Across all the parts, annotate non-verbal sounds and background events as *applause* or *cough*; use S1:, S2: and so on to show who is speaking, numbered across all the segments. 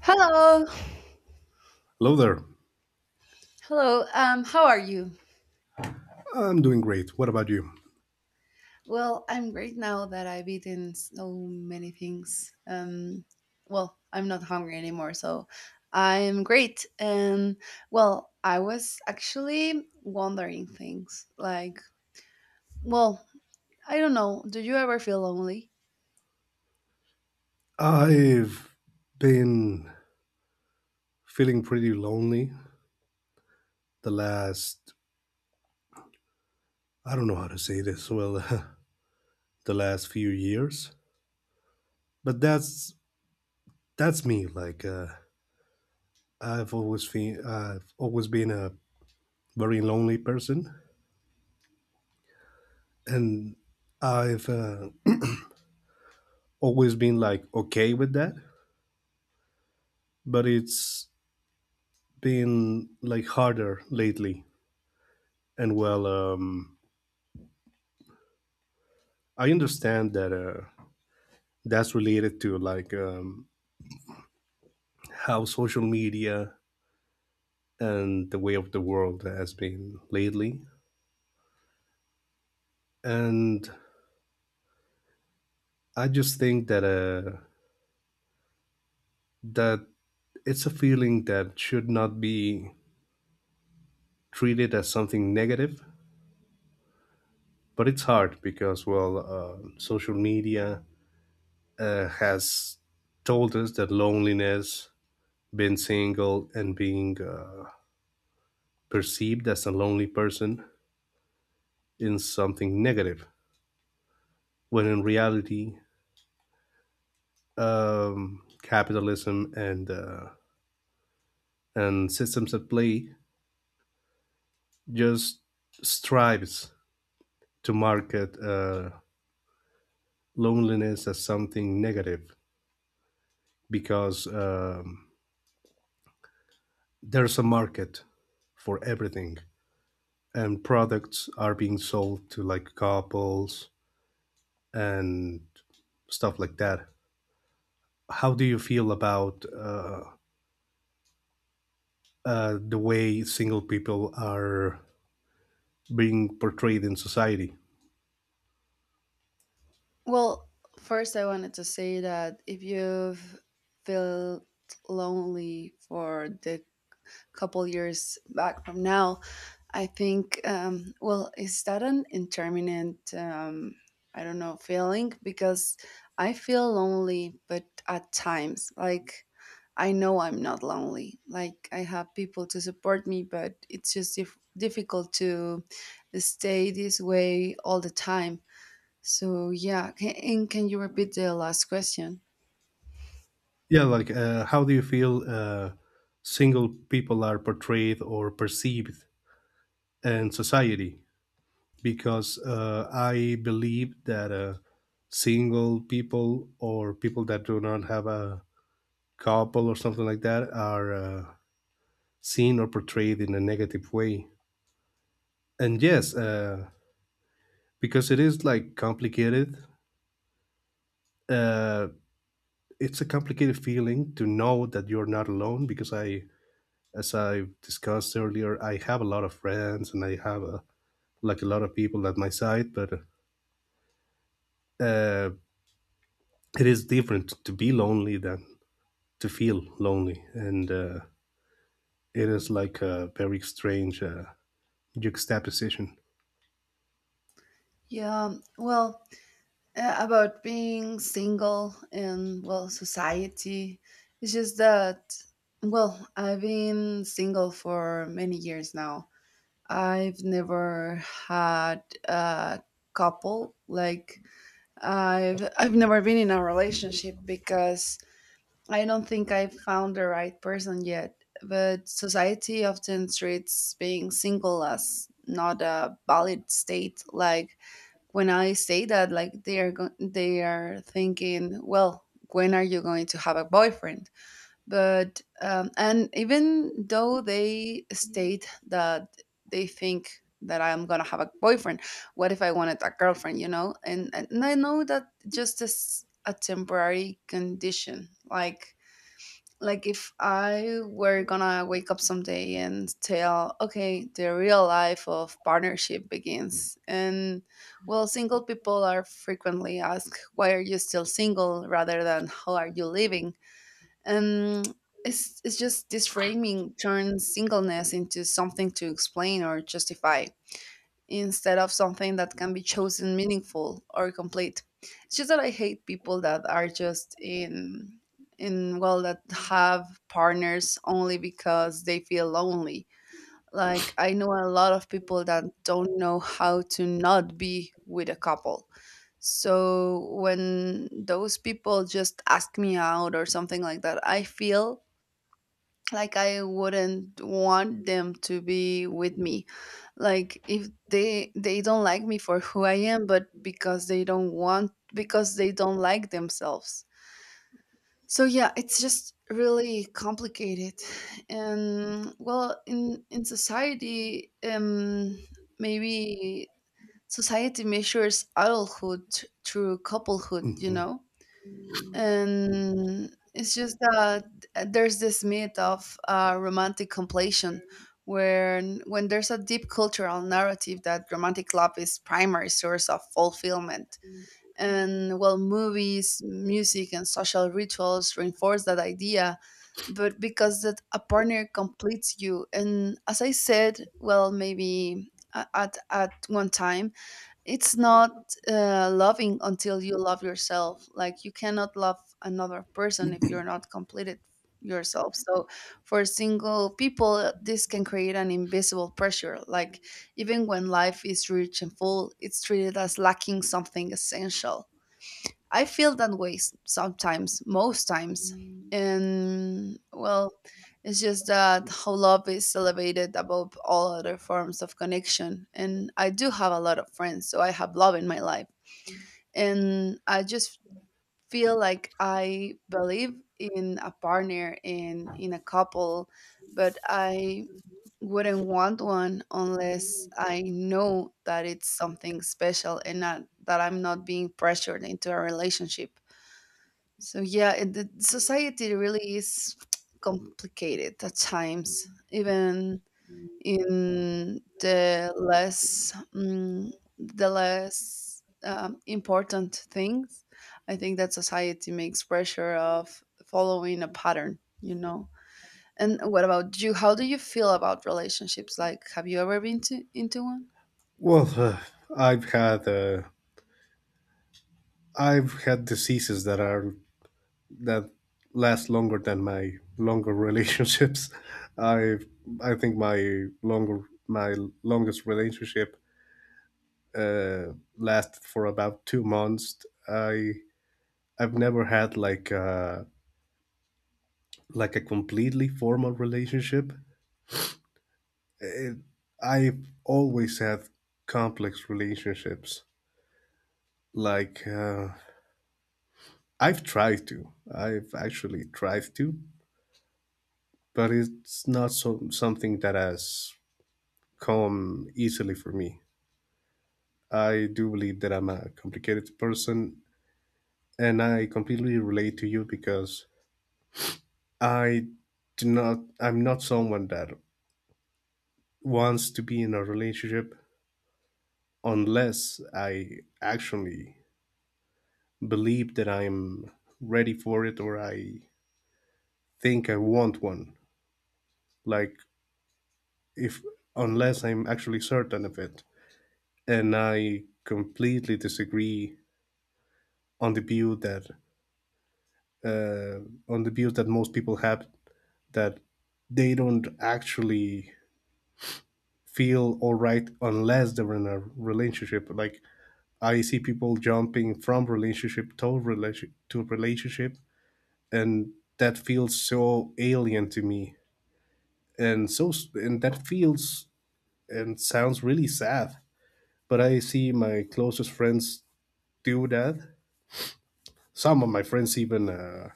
S1: Hello,
S2: Hello there.
S1: how are you?
S2: I'm doing great. What about you?
S1: Well, I'm great now that I've eaten so many things. I'm not hungry anymore, so I'm great. I was actually wondering things like, well, I don't know. Do you ever feel lonely?
S2: I've been feeling pretty lonely the last, I don't know how to say this, well, *laughs* the last few years. But that's me. Like I've always been a very lonely person, and I've always been like okay with that. But it's been like harder lately. And well, I understand that. That's related to like how social media and the way of the world has been lately, and I just think that that it's a feeling that should not be treated as something negative, but it's hard because well social media has told us that loneliness, being single, and being perceived as a lonely person is something negative, when in reality capitalism and systems at play just strives to market loneliness as something negative, because there's a market for everything, and products are being sold to like couples and stuff like that. How do you feel about the way single people are being portrayed in society?
S1: Well, first I wanted to say that if you've felt lonely for the couple years back from now, I think, is that an interminant, I don't know, feeling? Because I feel lonely, but at times, like, I know I'm not lonely. Like, I have people to support me, but it's just difficult to stay this way all the time. So, yeah. And can you repeat the last question?
S2: Yeah, like how do you feel single people are portrayed or perceived in society? Because I believe that single people, or people that do not have a couple or something like that, are seen or portrayed in a negative way. And yes, because it is like complicated. Uh, it's a complicated feeling to know that you're not alone, because I as I discussed earlier, I have a lot of friends, and I have like a lot of people at my side, but uh, it is different to be lonely than to feel lonely, and it is like a very strange juxtaposition.
S1: Yeah. Well, about being single in well society, it's just that well, I've been single for many years now. I've never had a couple. Like, I've never been in a relationship because I don't think I've found the right person yet, but society often treats being single as not a valid state. Like when I say that, like they are thinking, well, when are you going to have a boyfriend? But and even though they state that they think that I'm gonna have a boyfriend, what if I wanted a girlfriend? You know, and I know that just as a temporary condition, like if I were gonna wake up someday and tell, okay, the real life of partnership begins. And well, single people are frequently asked, why are you still single rather than how are you living? And it's just this framing turns singleness into something to explain or justify instead of something that can be chosen meaningful or complete. It's just that I hate people that are just in that have partners only because they feel lonely. Like I know a lot of people that don't know how to not be with a couple. So when those people just ask me out or something like that, I feel like I wouldn't want them to be with me, like if they don't like me for who I am but because they don't want because they don't like themselves. So yeah, it's just really complicated. And well, in society, maybe society measures adulthood through couplehood, you
S2: Hmm.
S1: know. And it's just that there's this myth of romantic completion, where when there's a deep cultural narrative that romantic love is primary source of fulfillment. And well, movies, music, and social rituals reinforce that idea, but because that a partner completes you. And as I said, well, maybe at one time, it's not loving until you love yourself. Like you cannot love another person if you're not completed yourself. So for single people, this can create an invisible pressure. Like even when life is rich and full, it's treated as lacking something essential. I feel that way sometimes, most times. And well, it's just that how love is celebrated above all other forms of connection. And I do have a lot of friends, so I have love in my life. And I just feel like I believe in a partner and in a couple, but I wouldn't want one unless I know that it's something special and not that I'm not being pressured into a relationship. So yeah, it, the society really is complicated at times, even in the less important things. I think that society makes pressure of following a pattern, you know. And what about you? How do you feel about relationships? Like, have you ever been to into one?
S2: Well, I've had uh, I've had diseases that are that last longer than my longer *laughs* relationships. I I think my longest relationship last for about 2 months. I I've never had like like a completely formal relationship. It, I've always had complex relationships. Like I've tried to. I've actually tried to, but it's not so something that has come easily for me. I do believe that I'm a complicated person, and I completely relate to you, because I do not, I'm not someone that wants to be in a relationship unless I actually believe that I'm ready for it, or I think I want one. Like, if, unless I'm actually certain of it. And I completely disagree on the view that, most people have, that they don't actually feel all right unless they're in a relationship. Like I see people jumping from relationship to relationship to relationship, and that feels so alien to me, and that feels and sounds really sad. But I see my closest friends do that. Some of my friends even uh,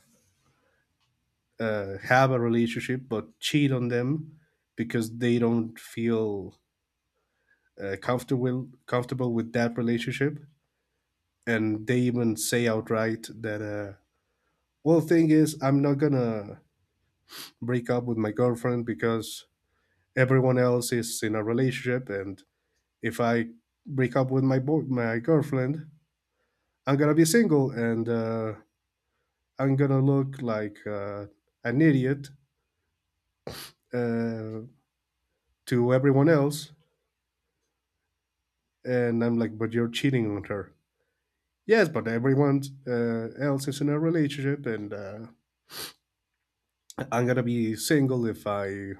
S2: uh, have a relationship, but cheat on them because they don't feel comfortable with that relationship, and they even say outright that well, thing is, I'm not gonna break up with my girlfriend because everyone else is in a relationship, and if I break up with my girlfriend, I'm gonna be single, and I'm gonna look like an idiot uh, to everyone else. And I'm like, but you're cheating on her. Yes, but everyone else is in a relationship, and I'm gonna be single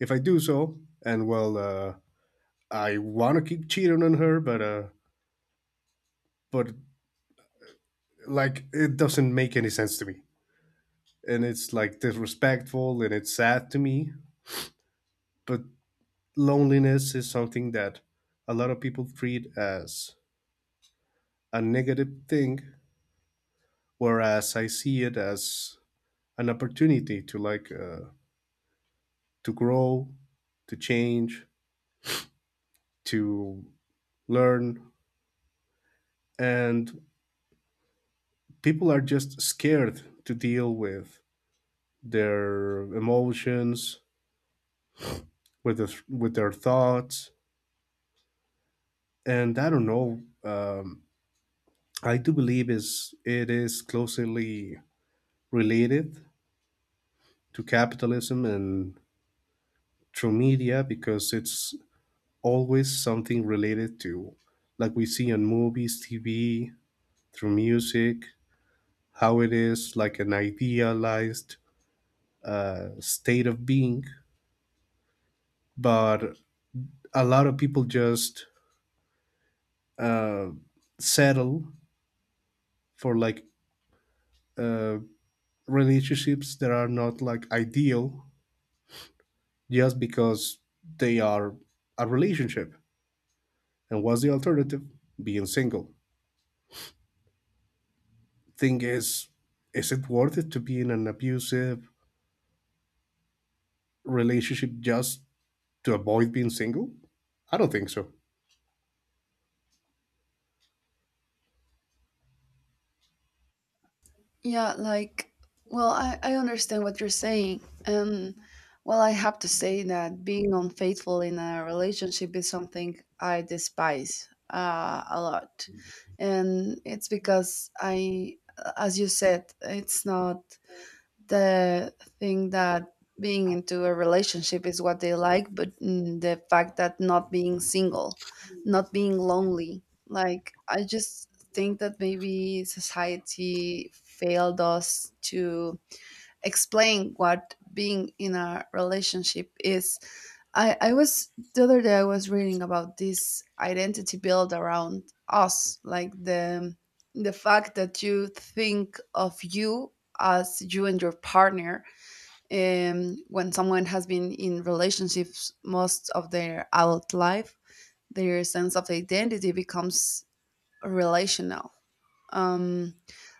S2: if I do so. And well, I want to keep cheating on her, but but like it doesn't make any sense to me, and it's like disrespectful, and it's sad to me. But loneliness is something that a lot of people treat as a negative thing, whereas I see it as an opportunity to like to grow, to change, to learn, and people are just scared to deal with their emotions, with with their thoughts, and I don't know. I do believe is it is closely related to capitalism and through media, because it's always something related to, like we see on movies, TV, through music, how it is like an idealized state of being, but a lot of people just uh, settle for like uh, relationships that are not like ideal just because they are a relationship. And what's the alternative? Being single. Thing is it worth it to be in an abusive relationship just to avoid being single? I don't think so.
S1: Yeah, like, well, I understand what you're saying. And, well, I have to say that being unfaithful in a relationship is something I despise a lot. And it's because I, as you said, it's not the thing that being into a relationship is what they like, but the fact that not being single, not being lonely, like I just think that maybe society failed us to explain what being in a relationship is. I was The other day I was reading about this identity built around us, like the fact that you think of you as you and your partner when someone has been in relationships most of their adult life, their sense of identity becomes relational. um,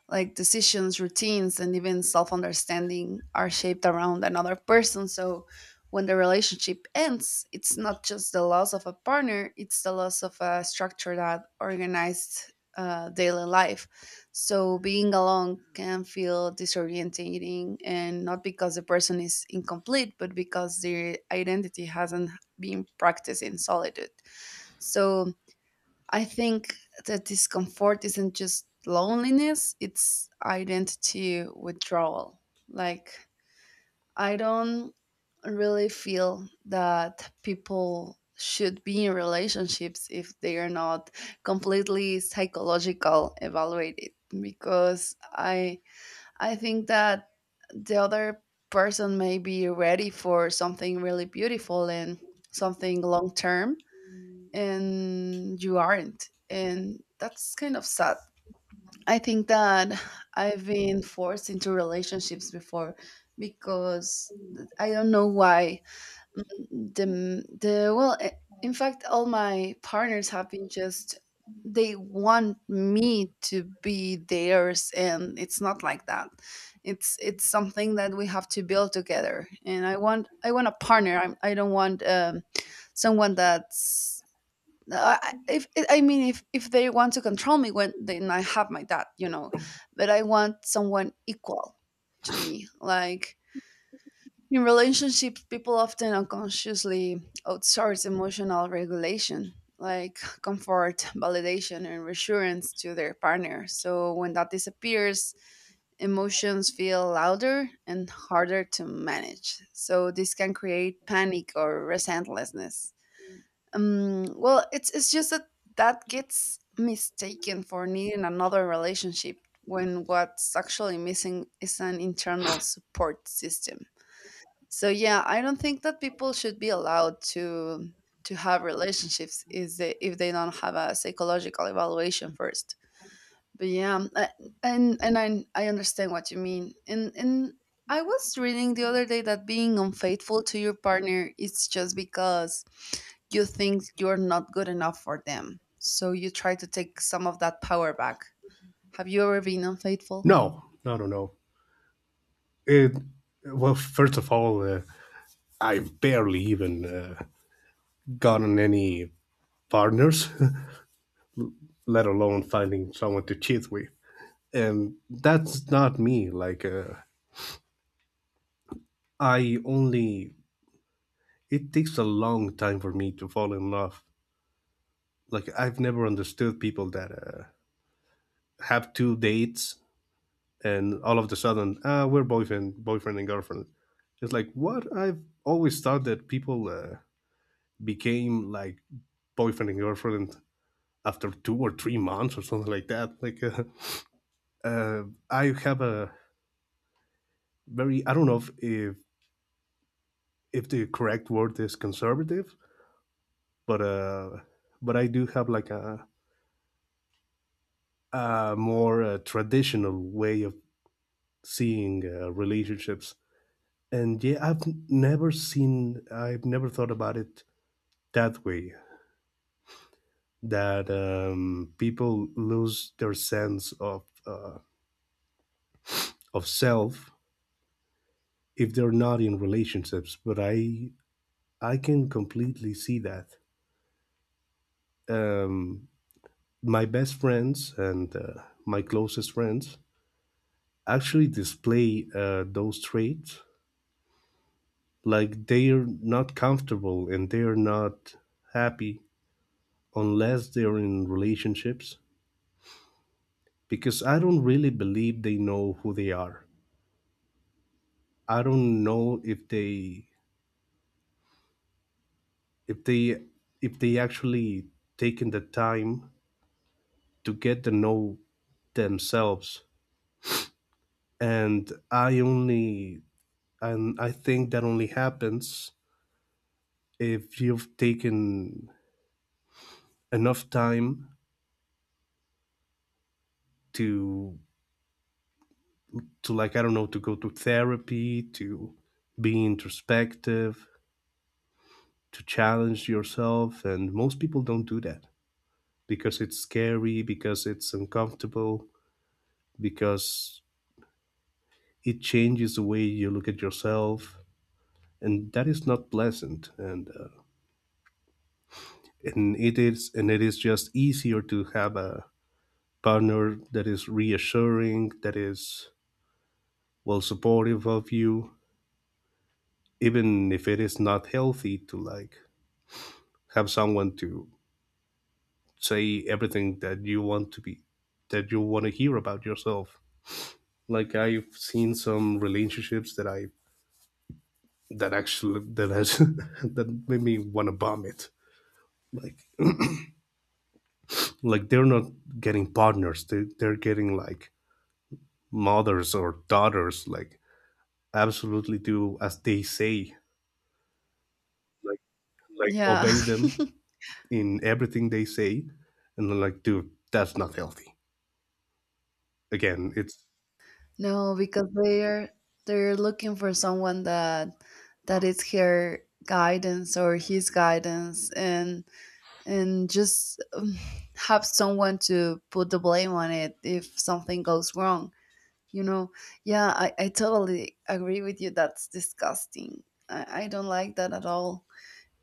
S1: like decisions, routines, and even self understanding are shaped around another person. So when the relationship ends, it's not just the loss of a partner, it's the loss of a structure that organized daily life. So being alone can feel disorientating, and not because the person is incomplete, but because their identity hasn't been practiced in solitude. So I think that discomfort isn't just loneliness, it's identity withdrawal. Like, I don't really feel that people should be in relationships if they are not completely psychological evaluated, because I think that the other person may be ready for something really beautiful and something long term and you aren't. And that's kind of sad. I think that I've been forced into relationships before because I don't know why. Mm, the the well eh, in fact all my partners have been just they want me to be theirs, and it's not like that. It's something that we have to build together, and I want a partner. I don't want someone that's no, I, if I mean, if they want to control me, when then I have my dad, you know. But I want someone equal to me. Like in relationships, people often unconsciously outsource emotional regulation, like comfort, validation, and reassurance to their partner. So when that disappears, emotions feel louder and harder to manage. So this can create panic or resentlessness. It's just that that gets mistaken for needing another relationship when what's actually missing is an internal support system. So yeah, I don't think that people should be allowed to have relationships is if they don't have a psychological evaluation first. But yeah, and I understand what you mean. And I was reading the other day that being unfaithful to your partner is just because you think you're not good enough for them. So you try to take some of that power back. Have you ever been unfaithful?
S2: No, no, no, no. It, well, first of all, I've barely even gotten any partners, *laughs* let alone finding someone to cheat with. And that's not me. Like, I only it takes a long time for me to fall in love. Like I've never understood people that have two dates and all of the sudden we're boyfriend and girlfriend. It's like, what I've always thought that people became like boyfriend and girlfriend after 2 or 3 months or something like that. Like *laughs* uh, I have a very, I don't know if the correct word is conservative, but I do have like a more traditional way of seeing relationships. And yeah, I've never seen, I've never thought about it that way. That people lose their sense of self if they're not in relationships. But I can completely see that. Um, my best friends, and my closest friends, actually display those traits. Like, they're not comfortable and they're not happy unless they're in relationships, because I don't really believe they know who they are. I don't know if they if they actually taken the time to get to know themselves. And I think that only happens if you've taken enough time to like, I don't know, to go to therapy, to be introspective, to challenge yourself, and most people don't do that because it's scary, because it's uncomfortable, because it changes the way you look at yourself, and that is not pleasant, and and it is just easier to have a partner that is reassuring, that is well supportive of you, even if it is not healthy to like have someone to say everything that you want to be that you want to hear about yourself. Like, I've seen some relationships that I that actually that has *laughs* that made me want to vomit. Like, they're not getting partners. They're getting like mothers or daughters, like, absolutely do as they say, like,
S1: Yeah.
S2: obey
S1: *laughs*
S2: them in everything they say. And they're like, dude, that's not healthy. Again, it's...
S1: No, because they're looking for someone that is her guidance or his guidance, and just have someone to put the blame on it if something goes wrong. You know, yeah, I totally agree with you. That's disgusting. I don't like that at all.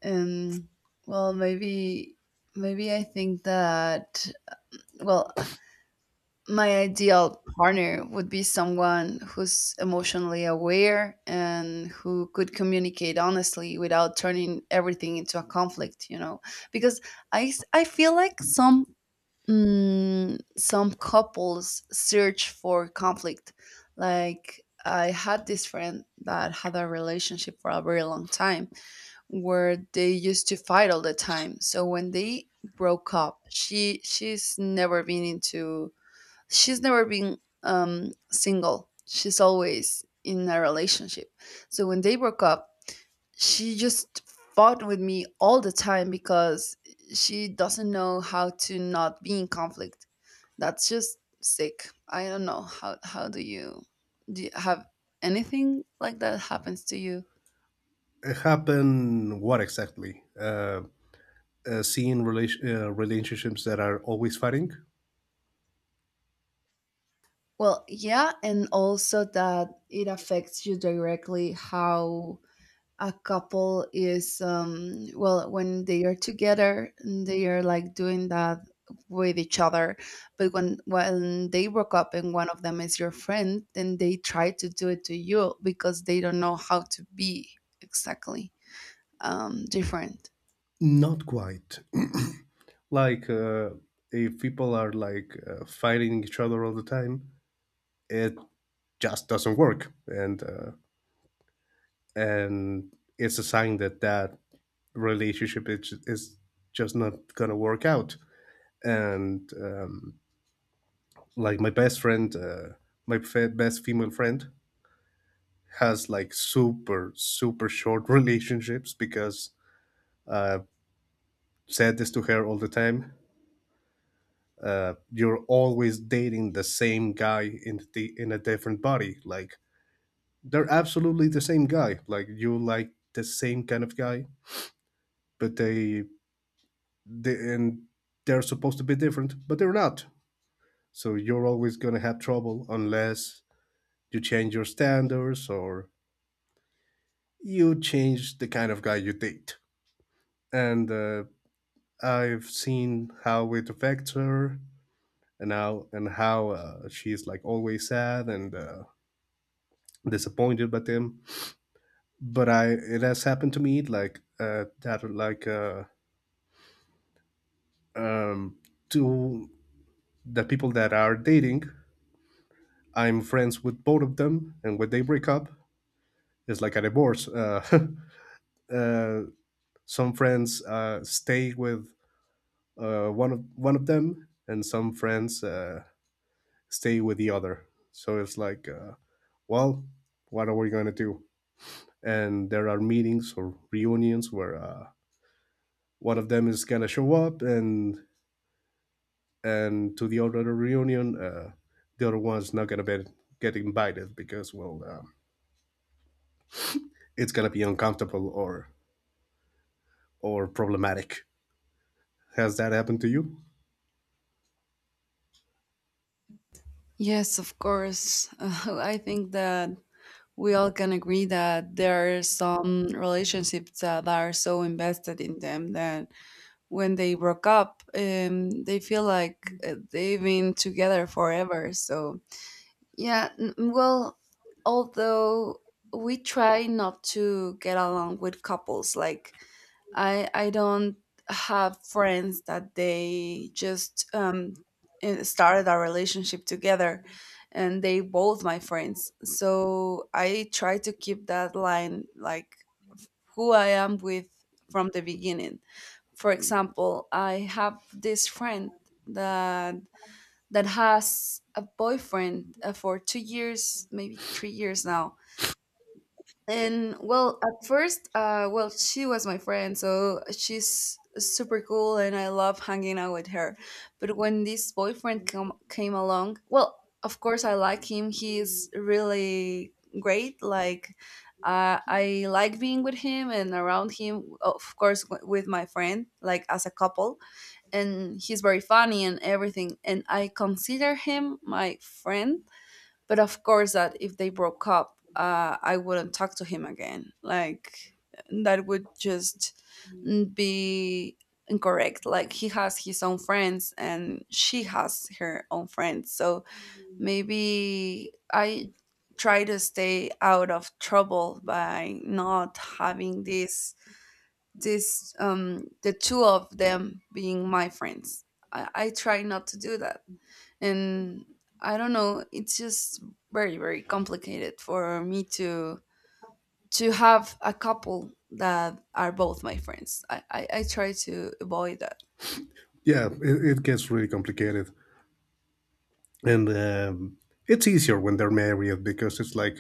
S1: And well, maybe I think that, well, my ideal partner would be someone who's emotionally aware and who could communicate honestly without turning everything into a conflict, you know? Because I, I feel like some some couples search for conflict. Like I had this friend that had a relationship for a very long time where they used to fight all the time. So when they broke up, she's never been she's never been single. She's always in a relationship. So when they broke up, she just fought with me all the time because she doesn't know how to not be in conflict. That's just sick. I don't know how do you have anything like that happens to you?
S2: It happened what exactly? See in relationships that are always fighting?
S1: Well, yeah, and also that it affects you directly how a couple is, well, when they are together they are like doing that with each other, but when they broke up and one of them is your friend, then they try to do it to you because they don't know how to be exactly different.
S2: Not quite. *clears throat* Like, if people are like fighting each other all the time, it just doesn't work, and and it's a sign that relationship is just not gonna work out. And like my best friend, best female friend, has like super super short *laughs* relationships, because I've said this to her all the time, you're always dating the same guy in the in a different body. Like, they're absolutely the same guy. Like, you like the same kind of guy, but they and they're supposed to be different, but they're not. So you're always gonna have trouble unless you change your standards, or you change the kind of guy you date. And I've seen how it affects her, and how she's like always sad and disappointed by them. But I it has happened to me, like that, like um, to the people that are dating. I'm friends with both of them, and when they break up, it's like a divorce. *laughs* Uh, some friends stay with one of them, and some friends stay with the other. So it's like, well, what are we gonna do? And there are meetings or reunions where one of them is gonna show up, and to the other reunion, the other one's not gonna be get invited, because well, it's gonna be uncomfortable or problematic. Has that happened to you?
S1: Yes, of course. *laughs* I think that we all can agree that there are some relationships that are so invested in them that when they broke up, they feel like they've been together forever. So, yeah, although we try not to get along with couples, like I don't have friends that they just started a relationship together and they both my friends. So I try to keep that line, like who I am with from the beginning. For example, I have this friend that that has a boyfriend for 2 years, maybe 3 years now, and well, at first, well, she was my friend, so she's super cool, and I love hanging out with her. But when this boyfriend come came along, well, of course I like him. He's really great. Like, I like being with him and around him. Of course, with my friend, like as a couple, and he's very funny and everything. And I consider him my friend, but of course, that if they broke up, I wouldn't talk to him again. Like that would just be incorrect. Like he has his own friends and she has her own friends. So maybe I try to stay out of trouble by not having this this the two of them being my friends. I try not to do that, and I don't know, it's just very complicated for me to have a couple that are both my friends. I try to avoid that.
S2: Yeah, it gets really complicated, and it's easier when they're married, because it's like,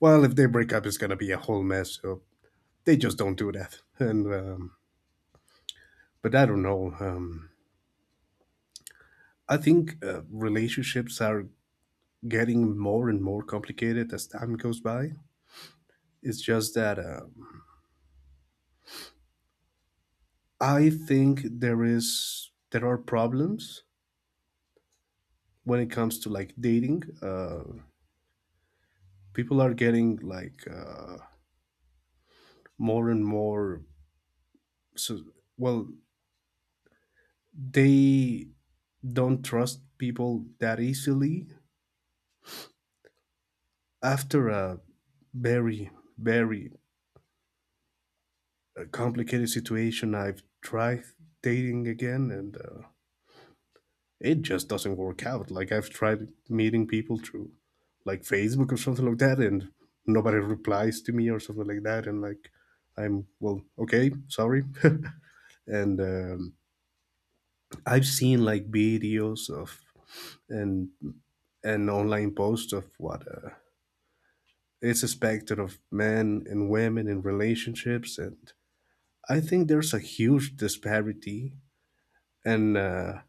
S2: well, if they break up, it's gonna be a whole mess. So they just don't do that. And but I don't know. I think relationships are getting more and more complicated as time goes by. It's just that. I think there are problems when it comes to like dating. People are getting like more and more. So, well, they don't trust people that easily. After a very very complicated situation, I've tried dating again, and it just doesn't work out. Like, I've tried meeting people through like Facebook or something like that, and nobody replies to me or something like that, and like, I'm, well, okay, sorry. *laughs* And I've seen like videos of and and online posts of what is expected of men and women in relationships, and I think there's a huge disparity, and uh,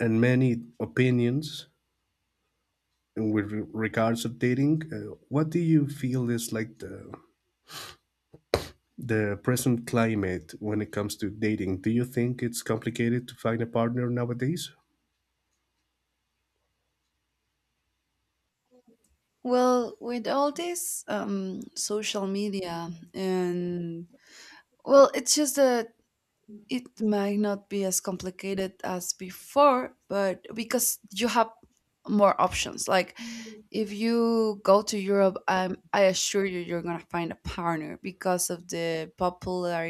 S2: and many opinions. And with regards of dating, what do you feel is like the present climate when it comes to dating? Do you think it's complicated to find a partner nowadays?
S1: Well, with all this social media and well, it's just a it might not be as complicated as before, but because you have more options. Like if you go to Europe, I assure you, you're gonna find a partner because of the popular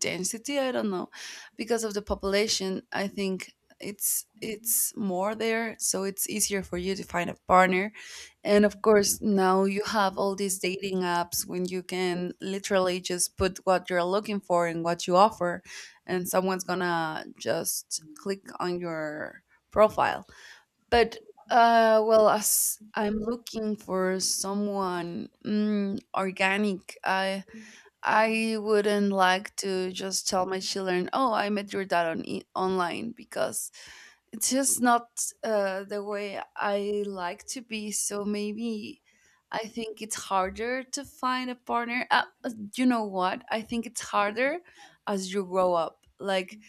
S1: density. I don't know, because of the population. I think it's more there, so it's easier for you to find a partner. And of course, now you have all these dating apps when you can literally just put what you're looking for and what you offer, and someone's gonna just click on your profile. But well, as I'm looking for someone organic, I wouldn't like to just tell my children, "Oh, I met your dad on online," because it's just not the way I like to be. So maybe. I think it's harder to find a partner. You know what? I think it's harder as you grow up. Like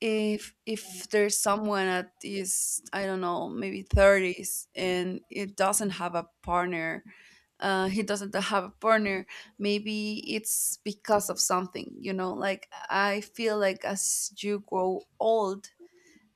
S1: if there's someone at his, I don't know, maybe 30s and it doesn't have a partner, uh he doesn't have a partner maybe it's because of something, you know, like I feel like as you grow old,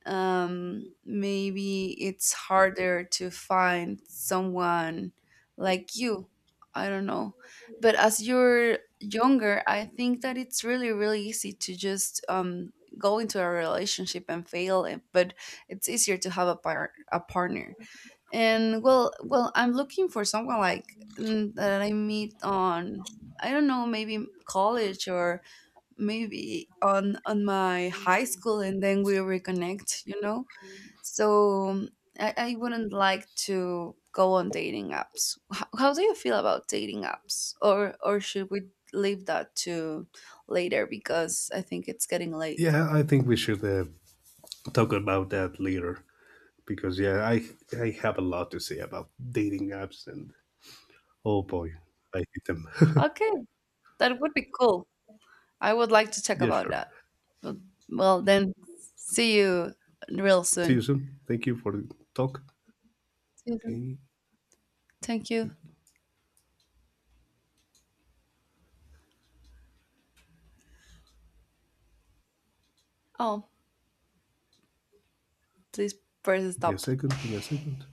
S1: maybe it's harder to find someone like you. I don't know. But as you're younger, I think that it's really, really easy to just go into a relationship and fail it. But it's easier to have a a partner. I'm looking for someone like that I meet on. I don't know, maybe college or maybe on my high school, and then we reconnect. You know, so I wouldn't like to go on dating apps. How do you feel about dating apps? Or should we leave that to later because I think it's getting late.
S2: Yeah, I think we should talk about that later, because yeah, I have a lot to say about dating apps, and oh boy, I hate them. *laughs*
S1: Okay, that would be cool. I would like to check
S2: Yeah,
S1: about
S2: sure.
S1: that. Well, well, then see you real
S2: See
S1: soon.
S2: you soon. Thank you for the talk.
S1: See you soon.
S2: Okay,
S1: Thank you.
S2: give
S1: Oh, please press
S2: me a
S1: stop.
S2: second. Give me a second.